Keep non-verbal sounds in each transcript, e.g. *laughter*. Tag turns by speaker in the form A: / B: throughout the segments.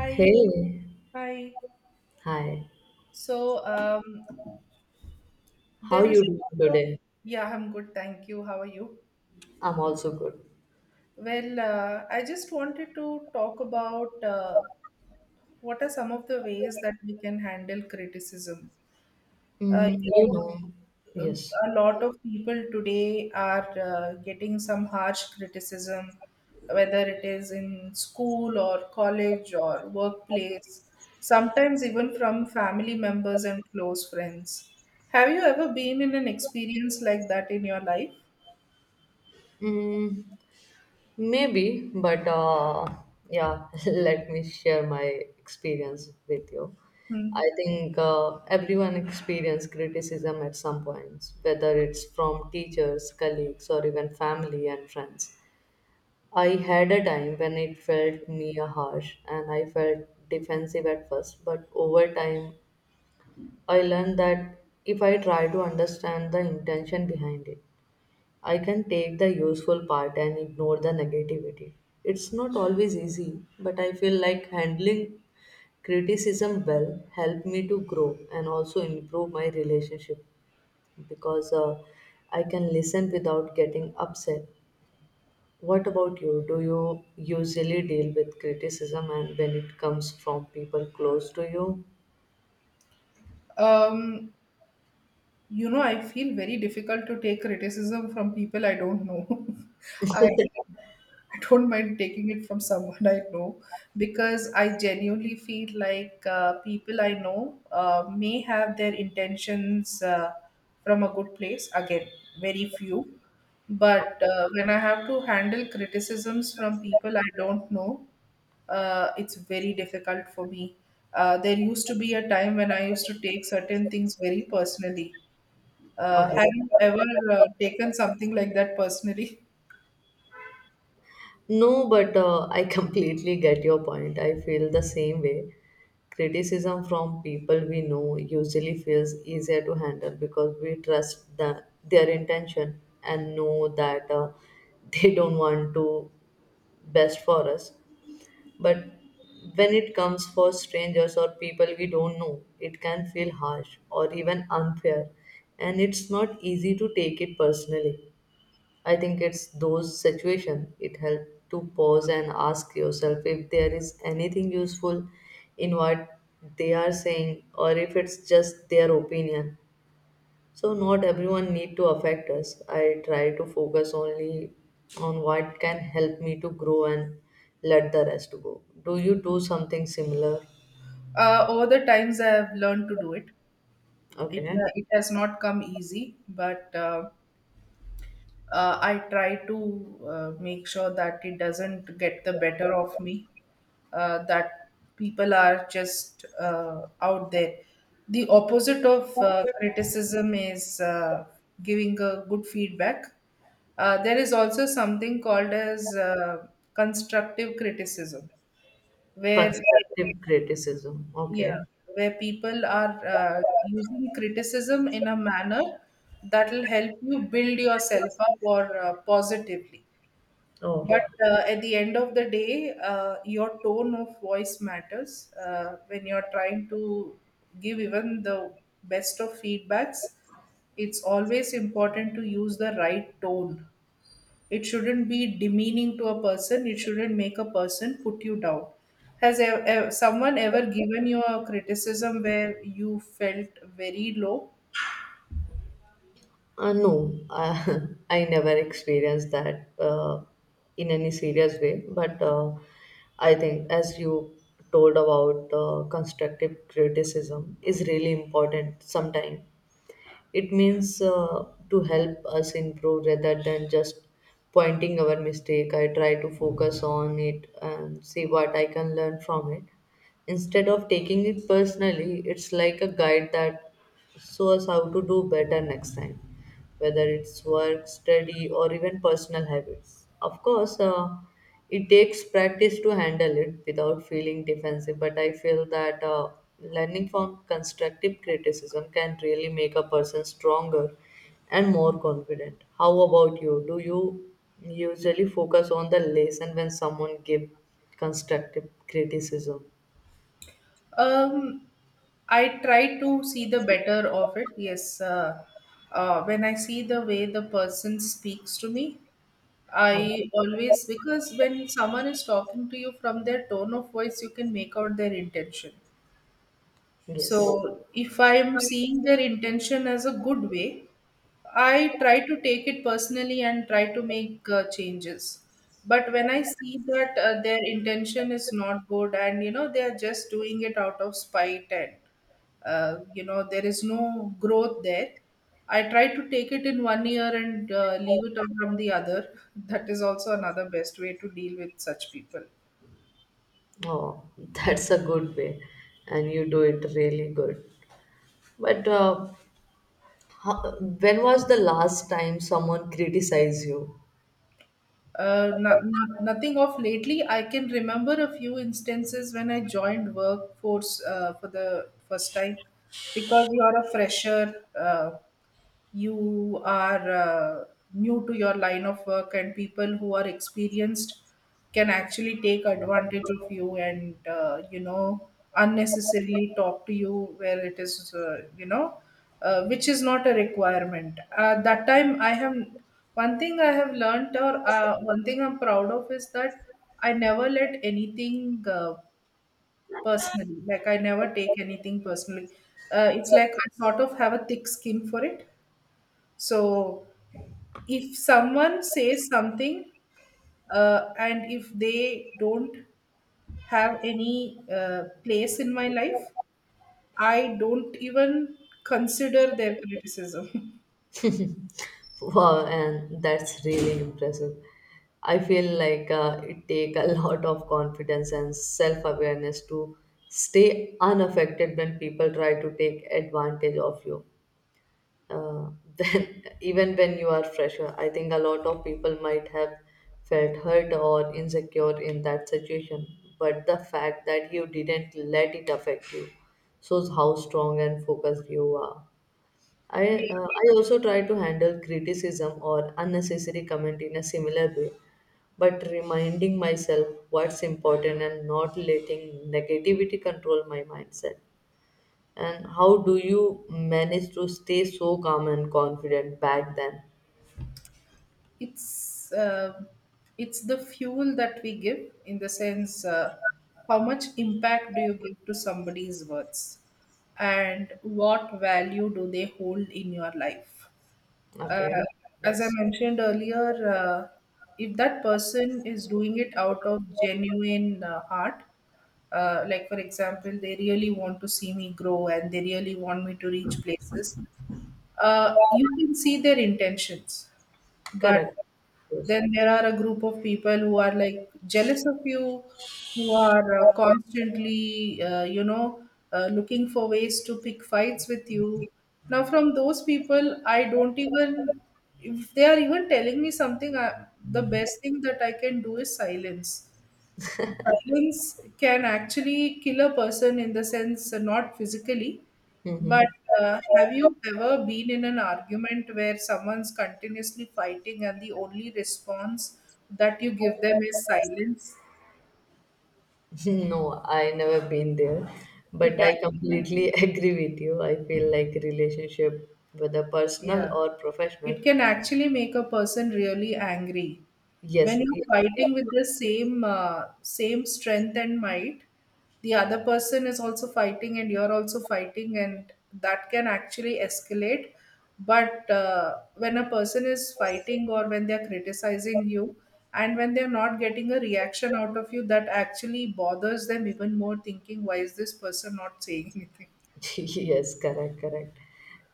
A: Hi,
B: Hey,
A: hi.
B: hi.
A: So
B: How
A: there is
B: you
A: a
B: doing
A: lot
B: today?
A: yeah, I'm good, thank you. How are you?
B: I'm also good.
A: I just wanted to talk about what are some of the ways that we can handle criticism. Uh,
B: Mm, you know, yes.
A: a lot of people today are getting some harsh criticism, whether it is in school or college or workplace, sometimes even from family members and close friends. Have you ever been in an experience like that in your life?
B: Mm, maybe, but yeah. *laughs* Let me share my experience with you.
A: Hmm.
B: I think everyone experience criticism at some points, whether it's from teachers, colleagues, or even family and friends. I had a time when it felt near harsh and I felt defensive at first, but over time I learned that if I try to understand the intention behind it, I can take the useful part and ignore the negativity. It's not always easy, but I feel like handling criticism well helped me to grow and also improve my relationship because I can listen without getting upset. What about you? Do you usually deal with criticism and when it comes from people close to you?
A: Um, you know, I feel very difficult to take criticism from people I don't know. *laughs* I don't mind taking it from someone I know because I genuinely feel like people I know may have their intentions from a good place. Again, very few. But when I have to handle criticisms from people I don't know, it's very difficult for me. There used to be a time when I used to take certain things very personally.
B: Okay.
A: Have you ever taken something like that personally?
B: No, but *laughs* I completely get your point. I feel the same way. Criticism from people we know usually feels easier to handle because we trust their intention and know that *laughs* they don't want to best for us. But when it comes for strangers or people we don't know, it can feel harsh or even unfair, and it's not easy to take it personally. I think it's those situations it helps to pause and ask yourself if there is anything useful in what they are saying or if it's just their opinion. So not everyone need to affect us. I try to focus only on what can help me to grow and let the rest go. Do you do something similar?
A: Over the times, I have learned to do it.
B: Okay.
A: It has not come easy, but I try to make sure that it doesn't get the better of me. That people are just out there. The opposite of criticism is giving a good feedback. There is also something called as constructive criticism, where
B: Constructive criticism.
A: Yeah,
B: Okay.
A: where people are using criticism in a manner that will help you build yourself up or positively. But
B: Oh.
A: uh, at the end of the day, your tone of voice matters. When you're trying to give even the best of feedbacks, it's always important to use the right tone. It shouldn't be demeaning to a person. It shouldn't make a person put you down. Has someone ever given you a criticism where you felt very low?
B: No, *laughs* I never experienced that in any serious way. But I think, as you told about constructive criticism, is really important. Sometimes it means to help us improve rather than just pointing our mistake. I try to focus on it and see what I can learn from it. Instead of taking it personally, it's like a guide that shows how to do better next time, whether it's work, study, or even personal habits. Of course, it takes practice to handle it without feeling defensive, but I feel that learning from constructive criticism can really make a person stronger and more confident. How about you? Do you usually focus on the lesson when someone gives constructive criticism?
A: Um, I try to see the better of it. Yes, when I see the way the person speaks to me,
B: Okay.
A: I always because when someone is talking to you from their tone of voice, you can make out their intention.
B: Yes.
A: So if I am seeing their intention as a good way, I try to take it personally and try to make changes. But when I see that their intention is not good and you know they are just doing it out of spite and you know there is no growth there, I try to take it in one ear and leave it out from the other. *laughs* That is also another best way to deal with such people.
B: Oh, that's a good way, and you do it really good. But uh, when was the last time someone criticized you? *laughs*
A: Nothing of lately. I can remember a few instances when I joined workforce for the first time because you are a fresher. You are new to your line of work and people who are experienced can actually take advantage of you and you know unnecessarily talk to you where it is you know which is not a requirement that time. I have one thing i have learned or one thing I'm proud of is that I never let anything personally, like I never take anything personally. It's like I sort of have a thick skin for it, so if someone says something and if they don't have any place in my life, I don't even consider their criticism.
B: Wow, and that's really impressive. I feel like it take a *laughs* lot of confidence and self-awareness to stay unaffected when people try to take advantage of you. uh, *laughs* then even when you are fresher, I think a lot of people might have felt hurt or insecure in that situation, but the fact that you didn't let it affect you shows how strong and focused you are. i
A: *laughs* Yeah,
B: uh, i also try to handle criticism or unnecessary comment in a similar way, but reminding myself what's important and not letting negativity control my mindset. And how do you manage to stay so calm and confident back then?
A: it's uh, it's the fuel that we give in the sense how much impact do you give to somebody's words and what value do they hold in your life?
B: Okay.
A: uh, as I
B: Yes.
A: mentioned earlier, if that person is doing it out of genuine heart, like for example, they really want to see me grow and they really want me to reach places, you can see their intentions. But
B: Correct. Yes.
A: then there are a group of people who are like jealous of you, who are constantly, you know, looking for ways to pick fights with you. Now, from those people, I don't even, if they are even telling me something, I, the best thing that I can do is silence. Violence can actually kill a person in the sense not physically,
B: Mm-hmm.
A: but
B: *laughs*
A: have you ever been in an argument where someone's continuously fighting and the only response that you give them is silence?
B: No, I never been there, but
A: It
B: I
A: actually
B: completely *laughs* agree with you. I feel like relationship, whether personal
A: Yeah.
B: or professional,
A: It can actually make a person really angry.
B: yes,
A: When you're
B: yes,
A: fighting with the same same strength and might, the other person is also fighting and you're also fighting and that can actually escalate. But when a person is fighting or when they're criticizing you and when they're not getting a reaction out of you, that actually bothers them even more thinking, why is this person not saying *laughs* anything?
B: *laughs* yes, correct, correct.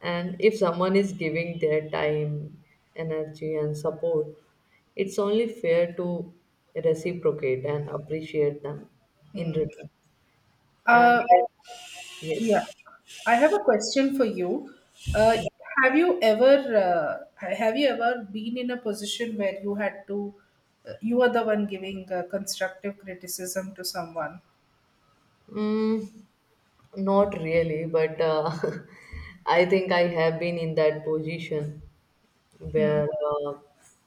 B: And if someone is giving their time, energy, and support, it's only fair to reciprocate and appreciate them in
A: Hmm.
B: return. And
A: Uh, yeah.
B: yes,
A: I have a question for you. Uh, have you ever been in a position where you had to you are the one giving constructive criticism to someone?
B: mm, not really, but *laughs* I think I have been in that position
A: Hmm.
B: where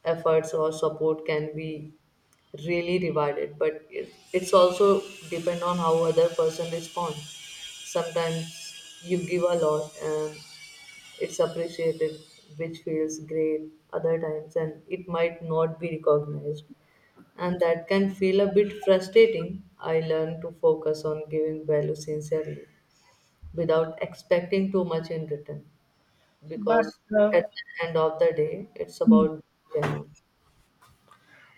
B: efforts or support can be really rewarded, but it's also depend on how other person responds. Sometimes you give a lot and it's appreciated, which feels great other times, and it might not be recognized, and that can feel a bit frustrating. I learn to focus on giving value sincerely without expecting too much in return,
A: But
B: because at
A: uh,
B: the end of the day, it's
A: Hmm.
B: about genuine.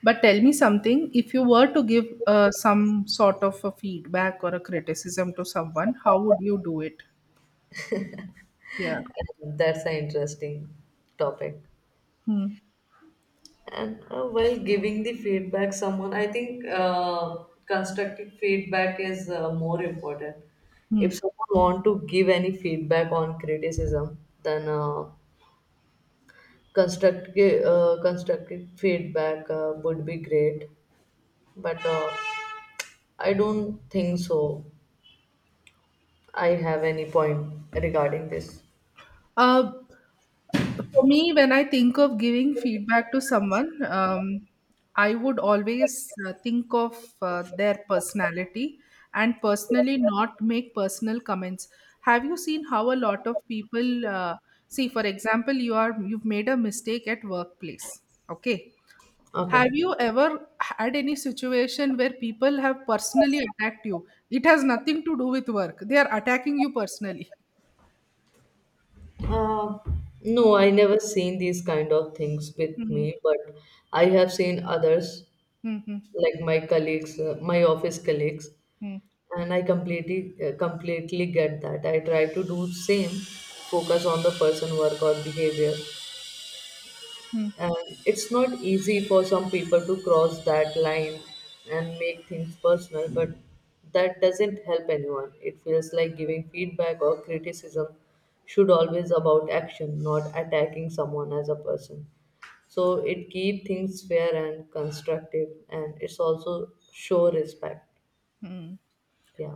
A: But tell me something. If you were to give some sort of a feedback or a criticism to someone, how would you do it? Yeah.
B: And that's an interesting topic.
A: Hmm.
B: And while giving the feedback, someone I think constructive feedback is more important.
A: Hmm.
B: If someone want to give any feedback on criticism, then constructive feedback would be great. But I don't think so. I have any point regarding this.
A: Uh, For me, when I think of giving feedback to someone, I would always think of their personality and personally not make personal comments. Have you seen how a lot of people see? For example, you've made a mistake at workplace. Okay,
B: Okay.
A: have you ever had any situation where people have personally attacked you? It has nothing to do with work. They are attacking you personally.
B: Uh, no, I never seen these kind of things with
A: Hmm.
B: me, but I have seen others
A: Hmm. Hmm.
B: like my colleagues, my office colleagues,
A: Hmm.
B: and I completely get that. I try to do same, focus on the person, work or behavior,
A: Hmm.
B: and it's not easy for some people to cross that line and make things personal, but that doesn't help anyone. It feels like giving feedback or criticism should always about action, not attacking someone as a person. So it keep things fair and constructive, and it's also show respect.
A: Hmm. Hmm.
B: Yeah.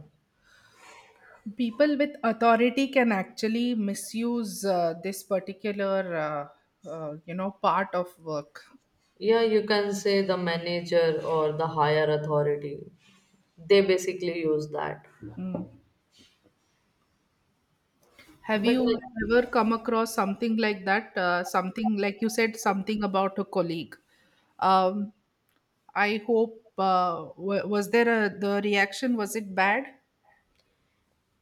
A: People with authority can actually misuse this particular you know part of work.
B: Yeah, you can say the manager or the higher authority. They basically use that.
A: Mm. Have
B: But
A: you ever come across something like that, something like you said something about a colleague? um, I hope was there a the reaction was it bad?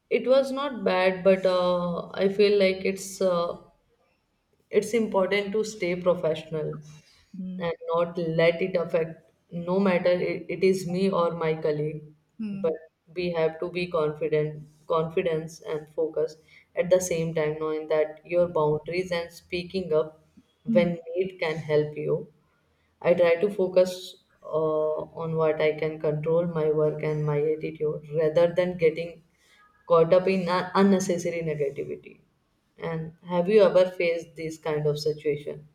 B: It was not bad, but I feel like it's important to stay professional
A: Mm.
B: and not let it affect, no matter it is me or my colleague,
A: Mm.
B: but we have to be confident confidence and focus. At the same time, knowing that your boundaries and speaking up when need can help you. I try to focus uh, on what I can control, my work and my attitude, rather than getting caught up in unnecessary negativity. And have you ever faced this kind of situation?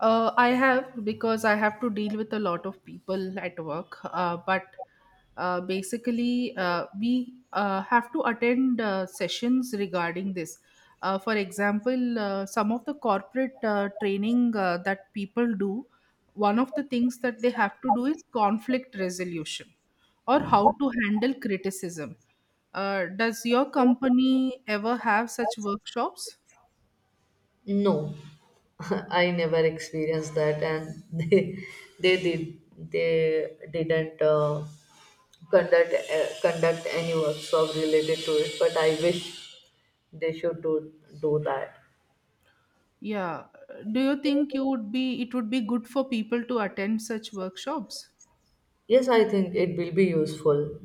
A: I have because I have to deal with a lot of people at work. But basically, we have to attend sessions regarding this. For example, some of the corporate training that people do, one of the things that they have to do is conflict resolution or how to handle criticism. Does your company ever have such workshops?
B: No, *laughs* I never experienced that, and *laughs* they did they didn't conduct any workshop related to it. But I wish they should do that.
A: Yeah. Do you think you would be it would be good for people to attend such workshops?
B: Yes, I think it will be useful.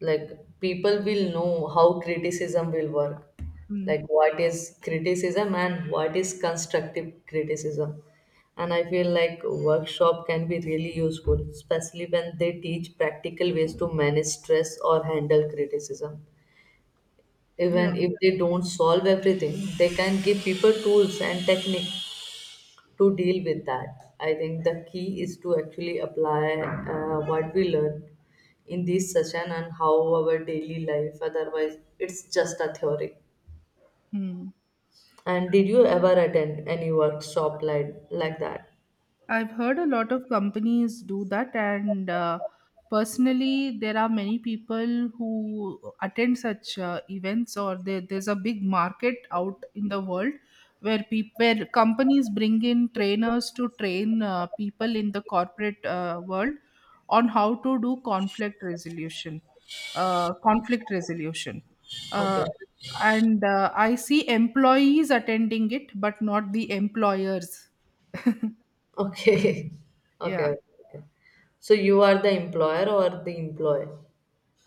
B: Like, people will know how criticism will work, like
A: Mm.
B: what is criticism and what is constructive criticism. And I feel like workshop can be really useful, especially when they teach practical ways to manage stress or handle criticism.
A: Yeah.
B: Even if they don't solve everything, they can give people tools and techniques to deal with that. I think the key is to actually apply what we learn in this session and how our daily life. Otherwise, it's just a theory.
A: Hmm.
B: And did you ever attend any workshop like that?
A: I've heard a lot of companies do that, and personally, there are many people who attend such events, there's a big market out in the world where peop where companies bring in trainers to train people in the corporate world on how to do conflict resolution, uh, conflict resolution. Uh,
B: Okay.
A: and I see employees attending it, but not the employers.
B: Okay. *laughs*
A: Yeah.
B: Okay. Okay. So you are the employer or the employee?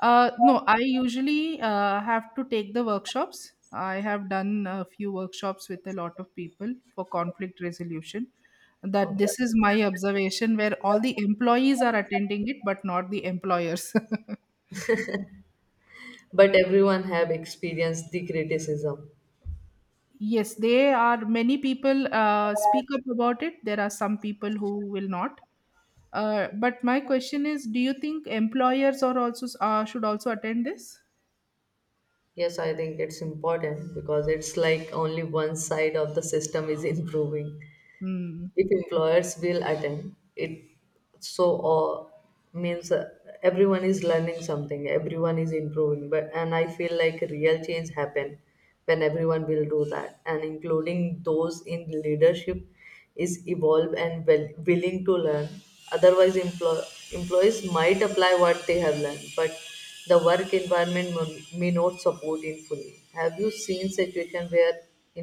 A: No, I usually have to take the workshops. I have done a few workshops with a lot of people for conflict resolution. That
B: Okay.
A: this is my observation where all the employees are attending it, but not the employers.
B: But everyone have experienced the criticism.
A: *laughs* Yes, they are many people speak up about it. There are some people who will not. But my question is, do you think employers are also should also attend this?
B: Yes, I think it's important because it's like only one side of the system is *laughs* improving.
A: Hmm.
B: If employers will attend it, so uh, means everyone is learning something, everyone is improving. But and I feel like real change happen when everyone will do that, and including those in leadership is evolve and well, willing to learn. Otherwise, employees might apply what they have learned, but the work environment may not support it fully. Have you seen situation where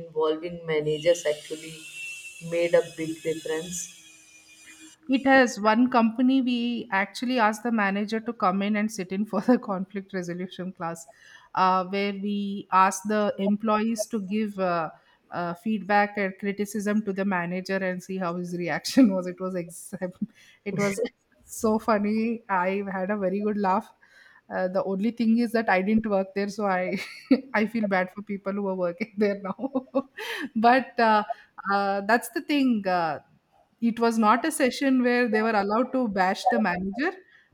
B: involving managers actually made a big difference?
A: It has one company. We actually asked the manager to come in and sit in for the *laughs* conflict resolution class, where we asked the employees to give feedback and criticism to the manager and see how his reaction *laughs* was. It was ex- *laughs* It was so funny. I had a very good laugh. The only thing is that I didn't work there, so I *laughs* I feel bad for people who are working there now. *laughs* But that's the thing. It was not a session where they were allowed to bash the manager,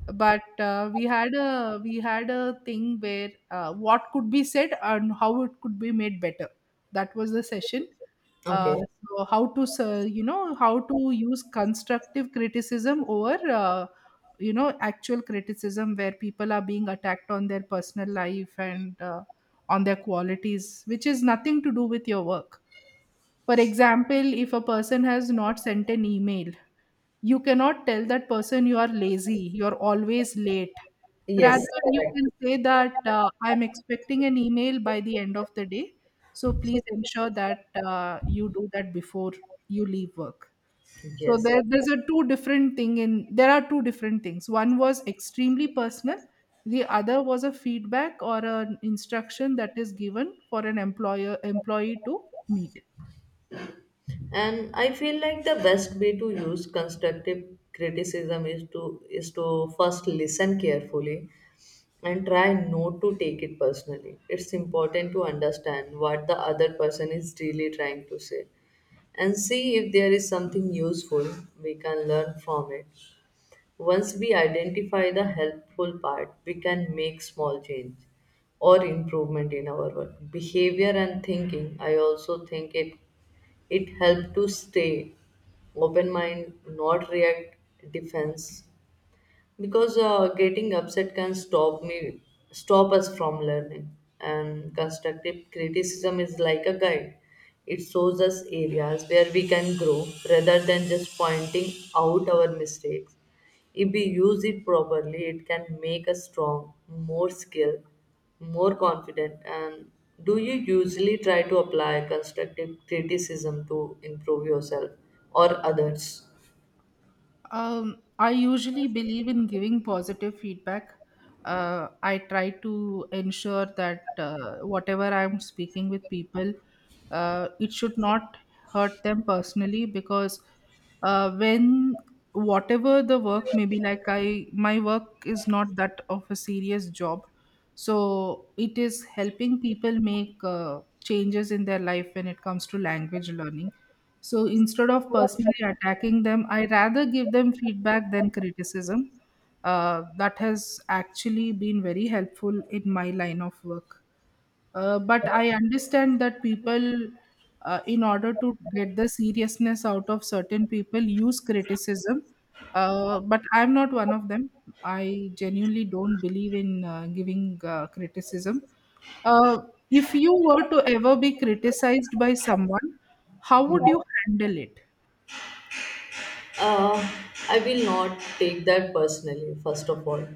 A: but we had a thing where what could be said and how it could be made better. That was the session. Uh,
B: Okay.
A: so how to you know how to use constructive criticism over you know actual criticism where people are being attacked on their personal life and on their qualities, which is nothing to do with your work. For example, if a person has not sent an email, you cannot tell that person you are lazy, you're always late.
B: Yes,
A: Rather, you
B: correct.
A: can say that I'm expecting an email by the end of the day. So please ensure that you do that before you leave work. So
B: Yes.
A: there's a two different thing in there are two different things. One was extremely personal. The other was a feedback or an instruction that is given for an employer employee to meet.
B: And I feel like the best way to use constructive criticism is to first listen carefully and try not to take it personally. It's important to understand what the other person is really trying to say and see if there is something useful we can learn from it. Once we identify the helpful part, we can make small change or improvement in our work. Behavior and thinking, I also think it helps to stay open mind, not react defense, because getting upset can stop us from learning. And constructive criticism is like a guide. It shows us areas where we can grow rather than just pointing out our mistakes. If we use it properly, it can make us strong, more skilled, more confident. And do you usually try to apply constructive criticism to improve yourself or others?
A: I usually believe in giving positive feedback. I try to ensure that whatever I'm speaking with people, it should not hurt them personally because when whatever the work maybe like I my work is not that of a serious job, so it is helping people make changes in their life when it comes to language learning. So instead of personally attacking them, I rather give them feedback than criticism. That has actually been very helpful in my line of work. But I understand that people, in order to get the seriousness out of certain people, use criticism. But I'm not one of them. I genuinely don't believe in giving criticism. Uh, if you were to ever be criticized by someone, how would you handle it?
B: Uh, I will not take that personally, first of all,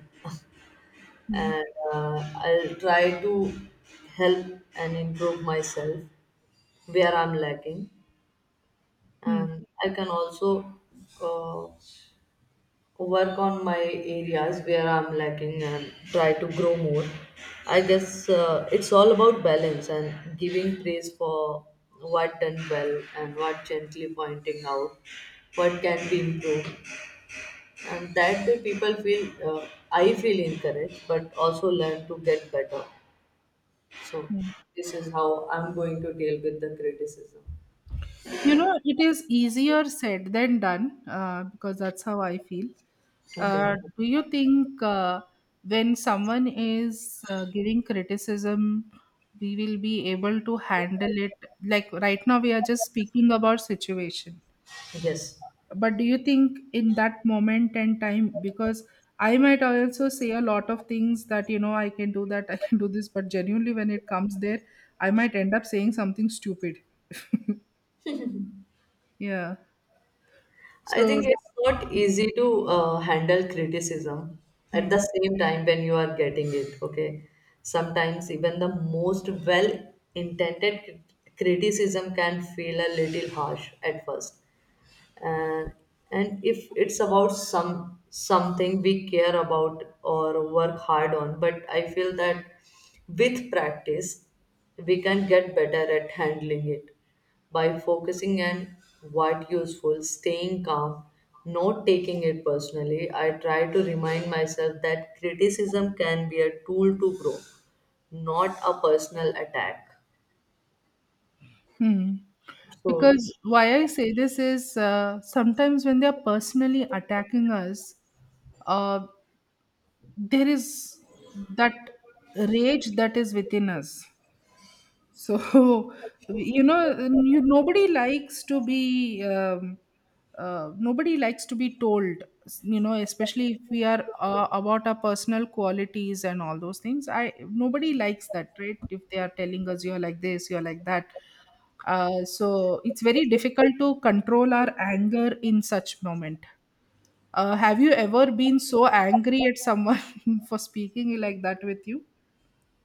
A: Hmm,
B: and I'll try to help and improve myself where I'm lacking,
A: hmm,
B: and I can also uh, work on my areas where I'm lacking and try to grow more. I guess it's all about balance and giving praise for what done well and what gently pointing out what can be improved. And that way people feel, I feel encouraged but also learn to get better. So
A: hmm.
B: this is how I'm going to deal with the criticism.
A: You know, it is easier said than done because that's how I feel.
B: Okay,
A: Do you think when someone is giving criticism, we will be able to handle it? Like right now, we are just speaking about situation.
B: yes,
A: But do you think in that moment and time, because I might also say a lot of things that, you know, I can do that, *laughs* I can do this, but genuinely when it comes there, I might end up saying something stupid. *laughs* Yeah.
B: I
A: So.
B: think it's not easy to handle criticism at the
A: Hmm.
B: same time when you are getting it. Okay, sometimes even the most well intended criticism can feel a little harsh at first, and if it's about something we care about or work hard on. But I feel that with practice we can get better at handling it by focusing on what useful, staying calm, not taking it personally. I try to remind myself that criticism can be a tool to grow, not a personal attack.
A: Hmm.
B: So
A: Because why I say this is, sometimes when they're personally attacking us, uh, there is that rage that is within us. So, *laughs* you know, you, nobody likes to be nobody likes to be told, you know, especially if we are about our personal qualities and all those things. I Nobody likes that, right? If they are telling us you're like this, you're like that. So it's very difficult to control our anger in such moment. Have you ever been so angry at someone *laughs* for speaking like that with you?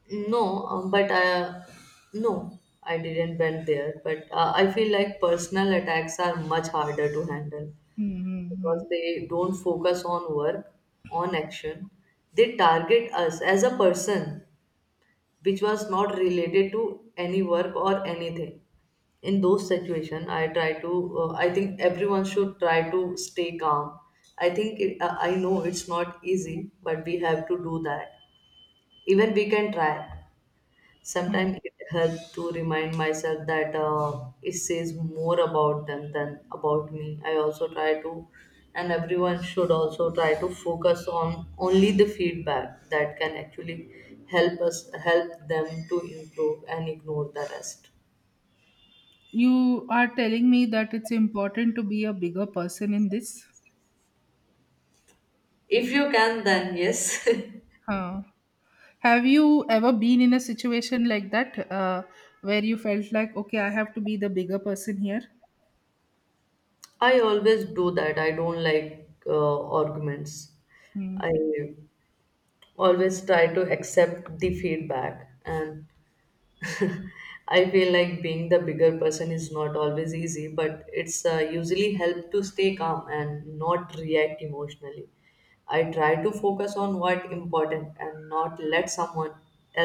B: no, but no, I didn't went there. But I feel like personal attacks are much harder to handle
A: Mm-hmm.
B: because they don't focus on work, on action. They target us as a person, which was not related to any work or anything. In those situations, I try to. I think everyone should try to stay calm. I think I know it's not easy, but we have to do that. Even we can try. Sometimes it helps to remind myself that it says more about them than about me. I also try to, and everyone should also try to focus on only the feedback that can actually help us help them to improve and ignore the rest.
A: You are telling me that it's important to be a bigger person in this?
B: If you can, then yes.
A: Huh. Have you ever been in a situation like that where you felt like, okay, I have to be the bigger person here?
B: *laughs* I always do that. I don't like arguments.
A: Hmm.
B: I always try to accept the feedback and *laughs* I feel like being the bigger person is not always easy, but it's usually help to stay calm and not react emotionally. I try to focus on what important and not let someone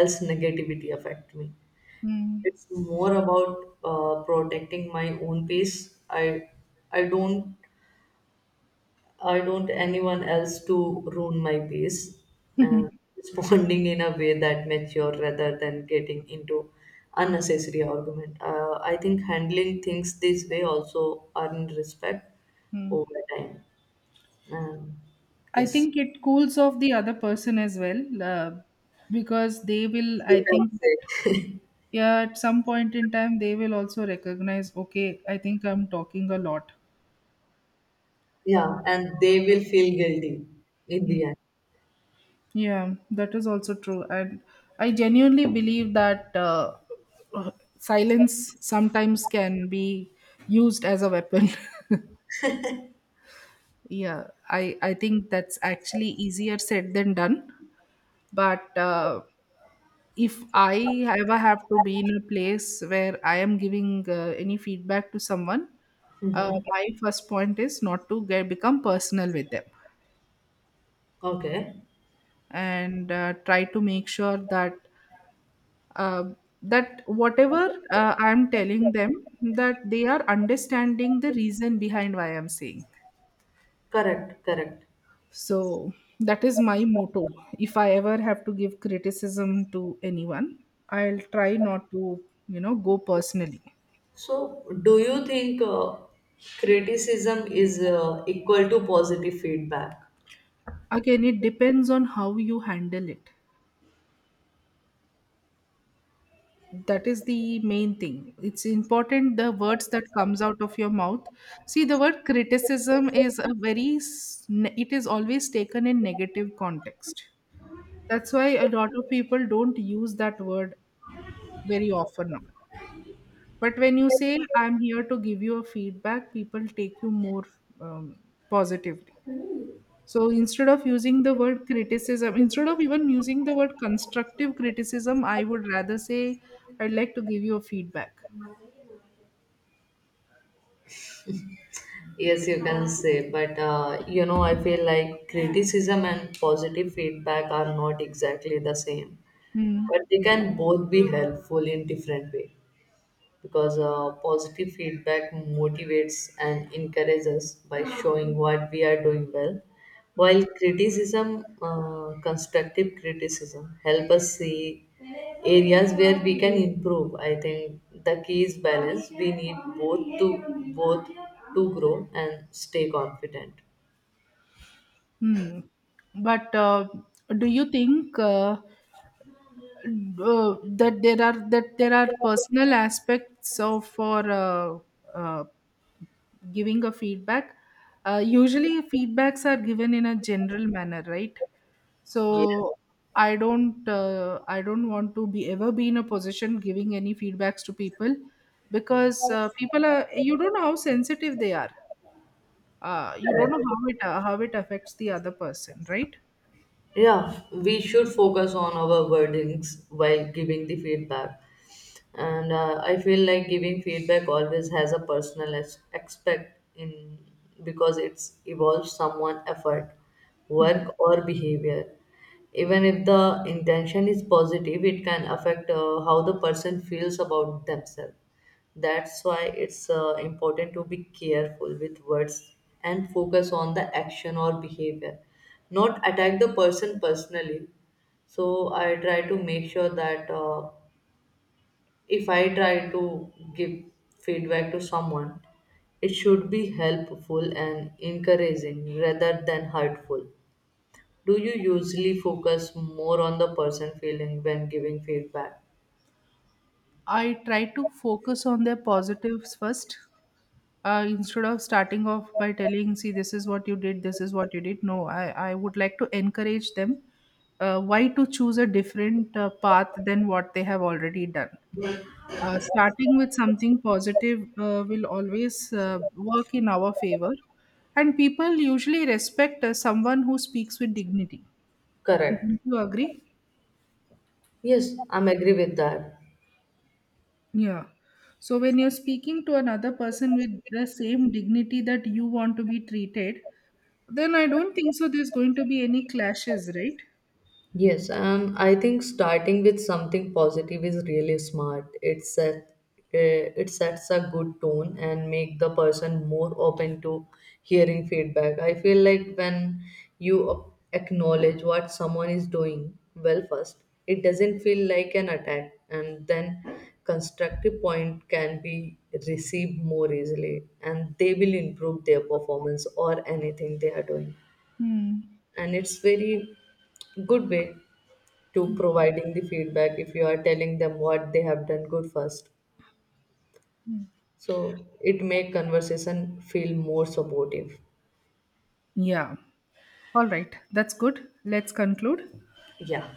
B: else negativity affect me.
A: Hmm.
B: It's more about protecting my own peace. I i don't I don't anyone else to ruin my peace. And
A: *laughs*
B: responding *laughs* in a way that mature rather than getting into unnecessary argument. I think handling things this way also earn respect
A: Hmm.
B: over time. Um,
A: I
B: yes,
A: think it cools off the other person as well, because they will, I
B: you can
A: think,
B: say.
A: yeah, at some point in time, they will also recognize, okay, I think I'm talking a lot.
B: Yeah, and they will feel guilty in the end.
A: Yeah, that is also true. And I genuinely believe that uh, silence sometimes can be used as a weapon. *laughs* Yeah, I think that's actually easier said than done. But if I ever have to be in a place where I am giving any feedback to someone,
B: Mm-hmm.
A: my first point is not to get become personal with them,
B: Okay,
A: and try to make sure that uh, whatever I'm telling them, that they are understanding the reason behind why I'm saying.
B: correct, correct.
A: So that is my motto. If I ever have to give criticism to anyone, I'll try not to, you know, go personally.
B: So, do you think criticism is equal to positive feedback?
A: Again, it depends on how you handle it. That is the main thing. It's important the words that comes out of your mouth. See, the word criticism is a very it is always taken in negative context. That's why a lot of people don't use that word very often now. But when you say, I'm here to give you a feedback, people take you more um, positively. So instead of using the word criticism, instead of even using the word constructive criticism, I would rather say, I'd like to give you a feedback.
B: Yes, you can say, but you know, I feel like criticism and positive feedback are not exactly the same,
A: Hmm.
B: but they can both be helpful in different way, because positive feedback motivates and encourages by showing what we are doing well, while criticism, constructive criticism help us see areas where we can improve. I think the key is balance. We need both to both to grow and stay confident.
A: Hmm. But do you think uh, that there are personal aspects of for uh, giving a feedback? Usually feedbacks are given in a general manner, right?
B: Yes,
A: So I don't, I don't want to be ever be in a position giving any feedbacks to people, because people are, you don't know how sensitive they are. You don't know
B: correct.
A: how it, how it affects the other person, right?
B: Yeah, we should focus on our wordings while giving the feedback. And I feel like giving feedback always has a personal aspect in, because it's involves someone effort,
A: Hmm.
B: work, or behavior. Even if the intention is positive, it can affect how the person feels about themselves. That's why it's important to be careful with words, and focus on the action or behavior, not attack the person personally. So I try to make sure that if I try to give feedback to someone, it should be helpful and encouraging rather than hurtful. Do you usually focus more on the person feeling when giving feedback?
A: I try to focus on their positives first, instead of starting off by telling see this is what you did this is what you did. No, I would like to encourage them, why to choose a different path than what they have already done. Starting with something positive will always work in our favor, and people usually respect someone who speaks with dignity.
B: Correct.
A: Do you agree?
B: Yes, I'm agree with that.
A: Yeah. So when you're speaking to another person with the same dignity that you want to be treated, then I don't think so there's going to be any clashes, right?
B: Yes, I think starting with something positive is really smart. It sets a good tone and make the person more open to hearing feedback. I feel like when you a- acknowledge what someone is doing well first, it doesn't feel like an attack, and then constructive point can be received more easily, and they will improve their performance or anything they are doing.
A: Hmm.
B: And it's very good way to providing the feedback, if you are telling them what they have done good first, so it make conversation feel more supportive.
A: Yeah. All right. That's good. Let's conclude.
B: Yeah.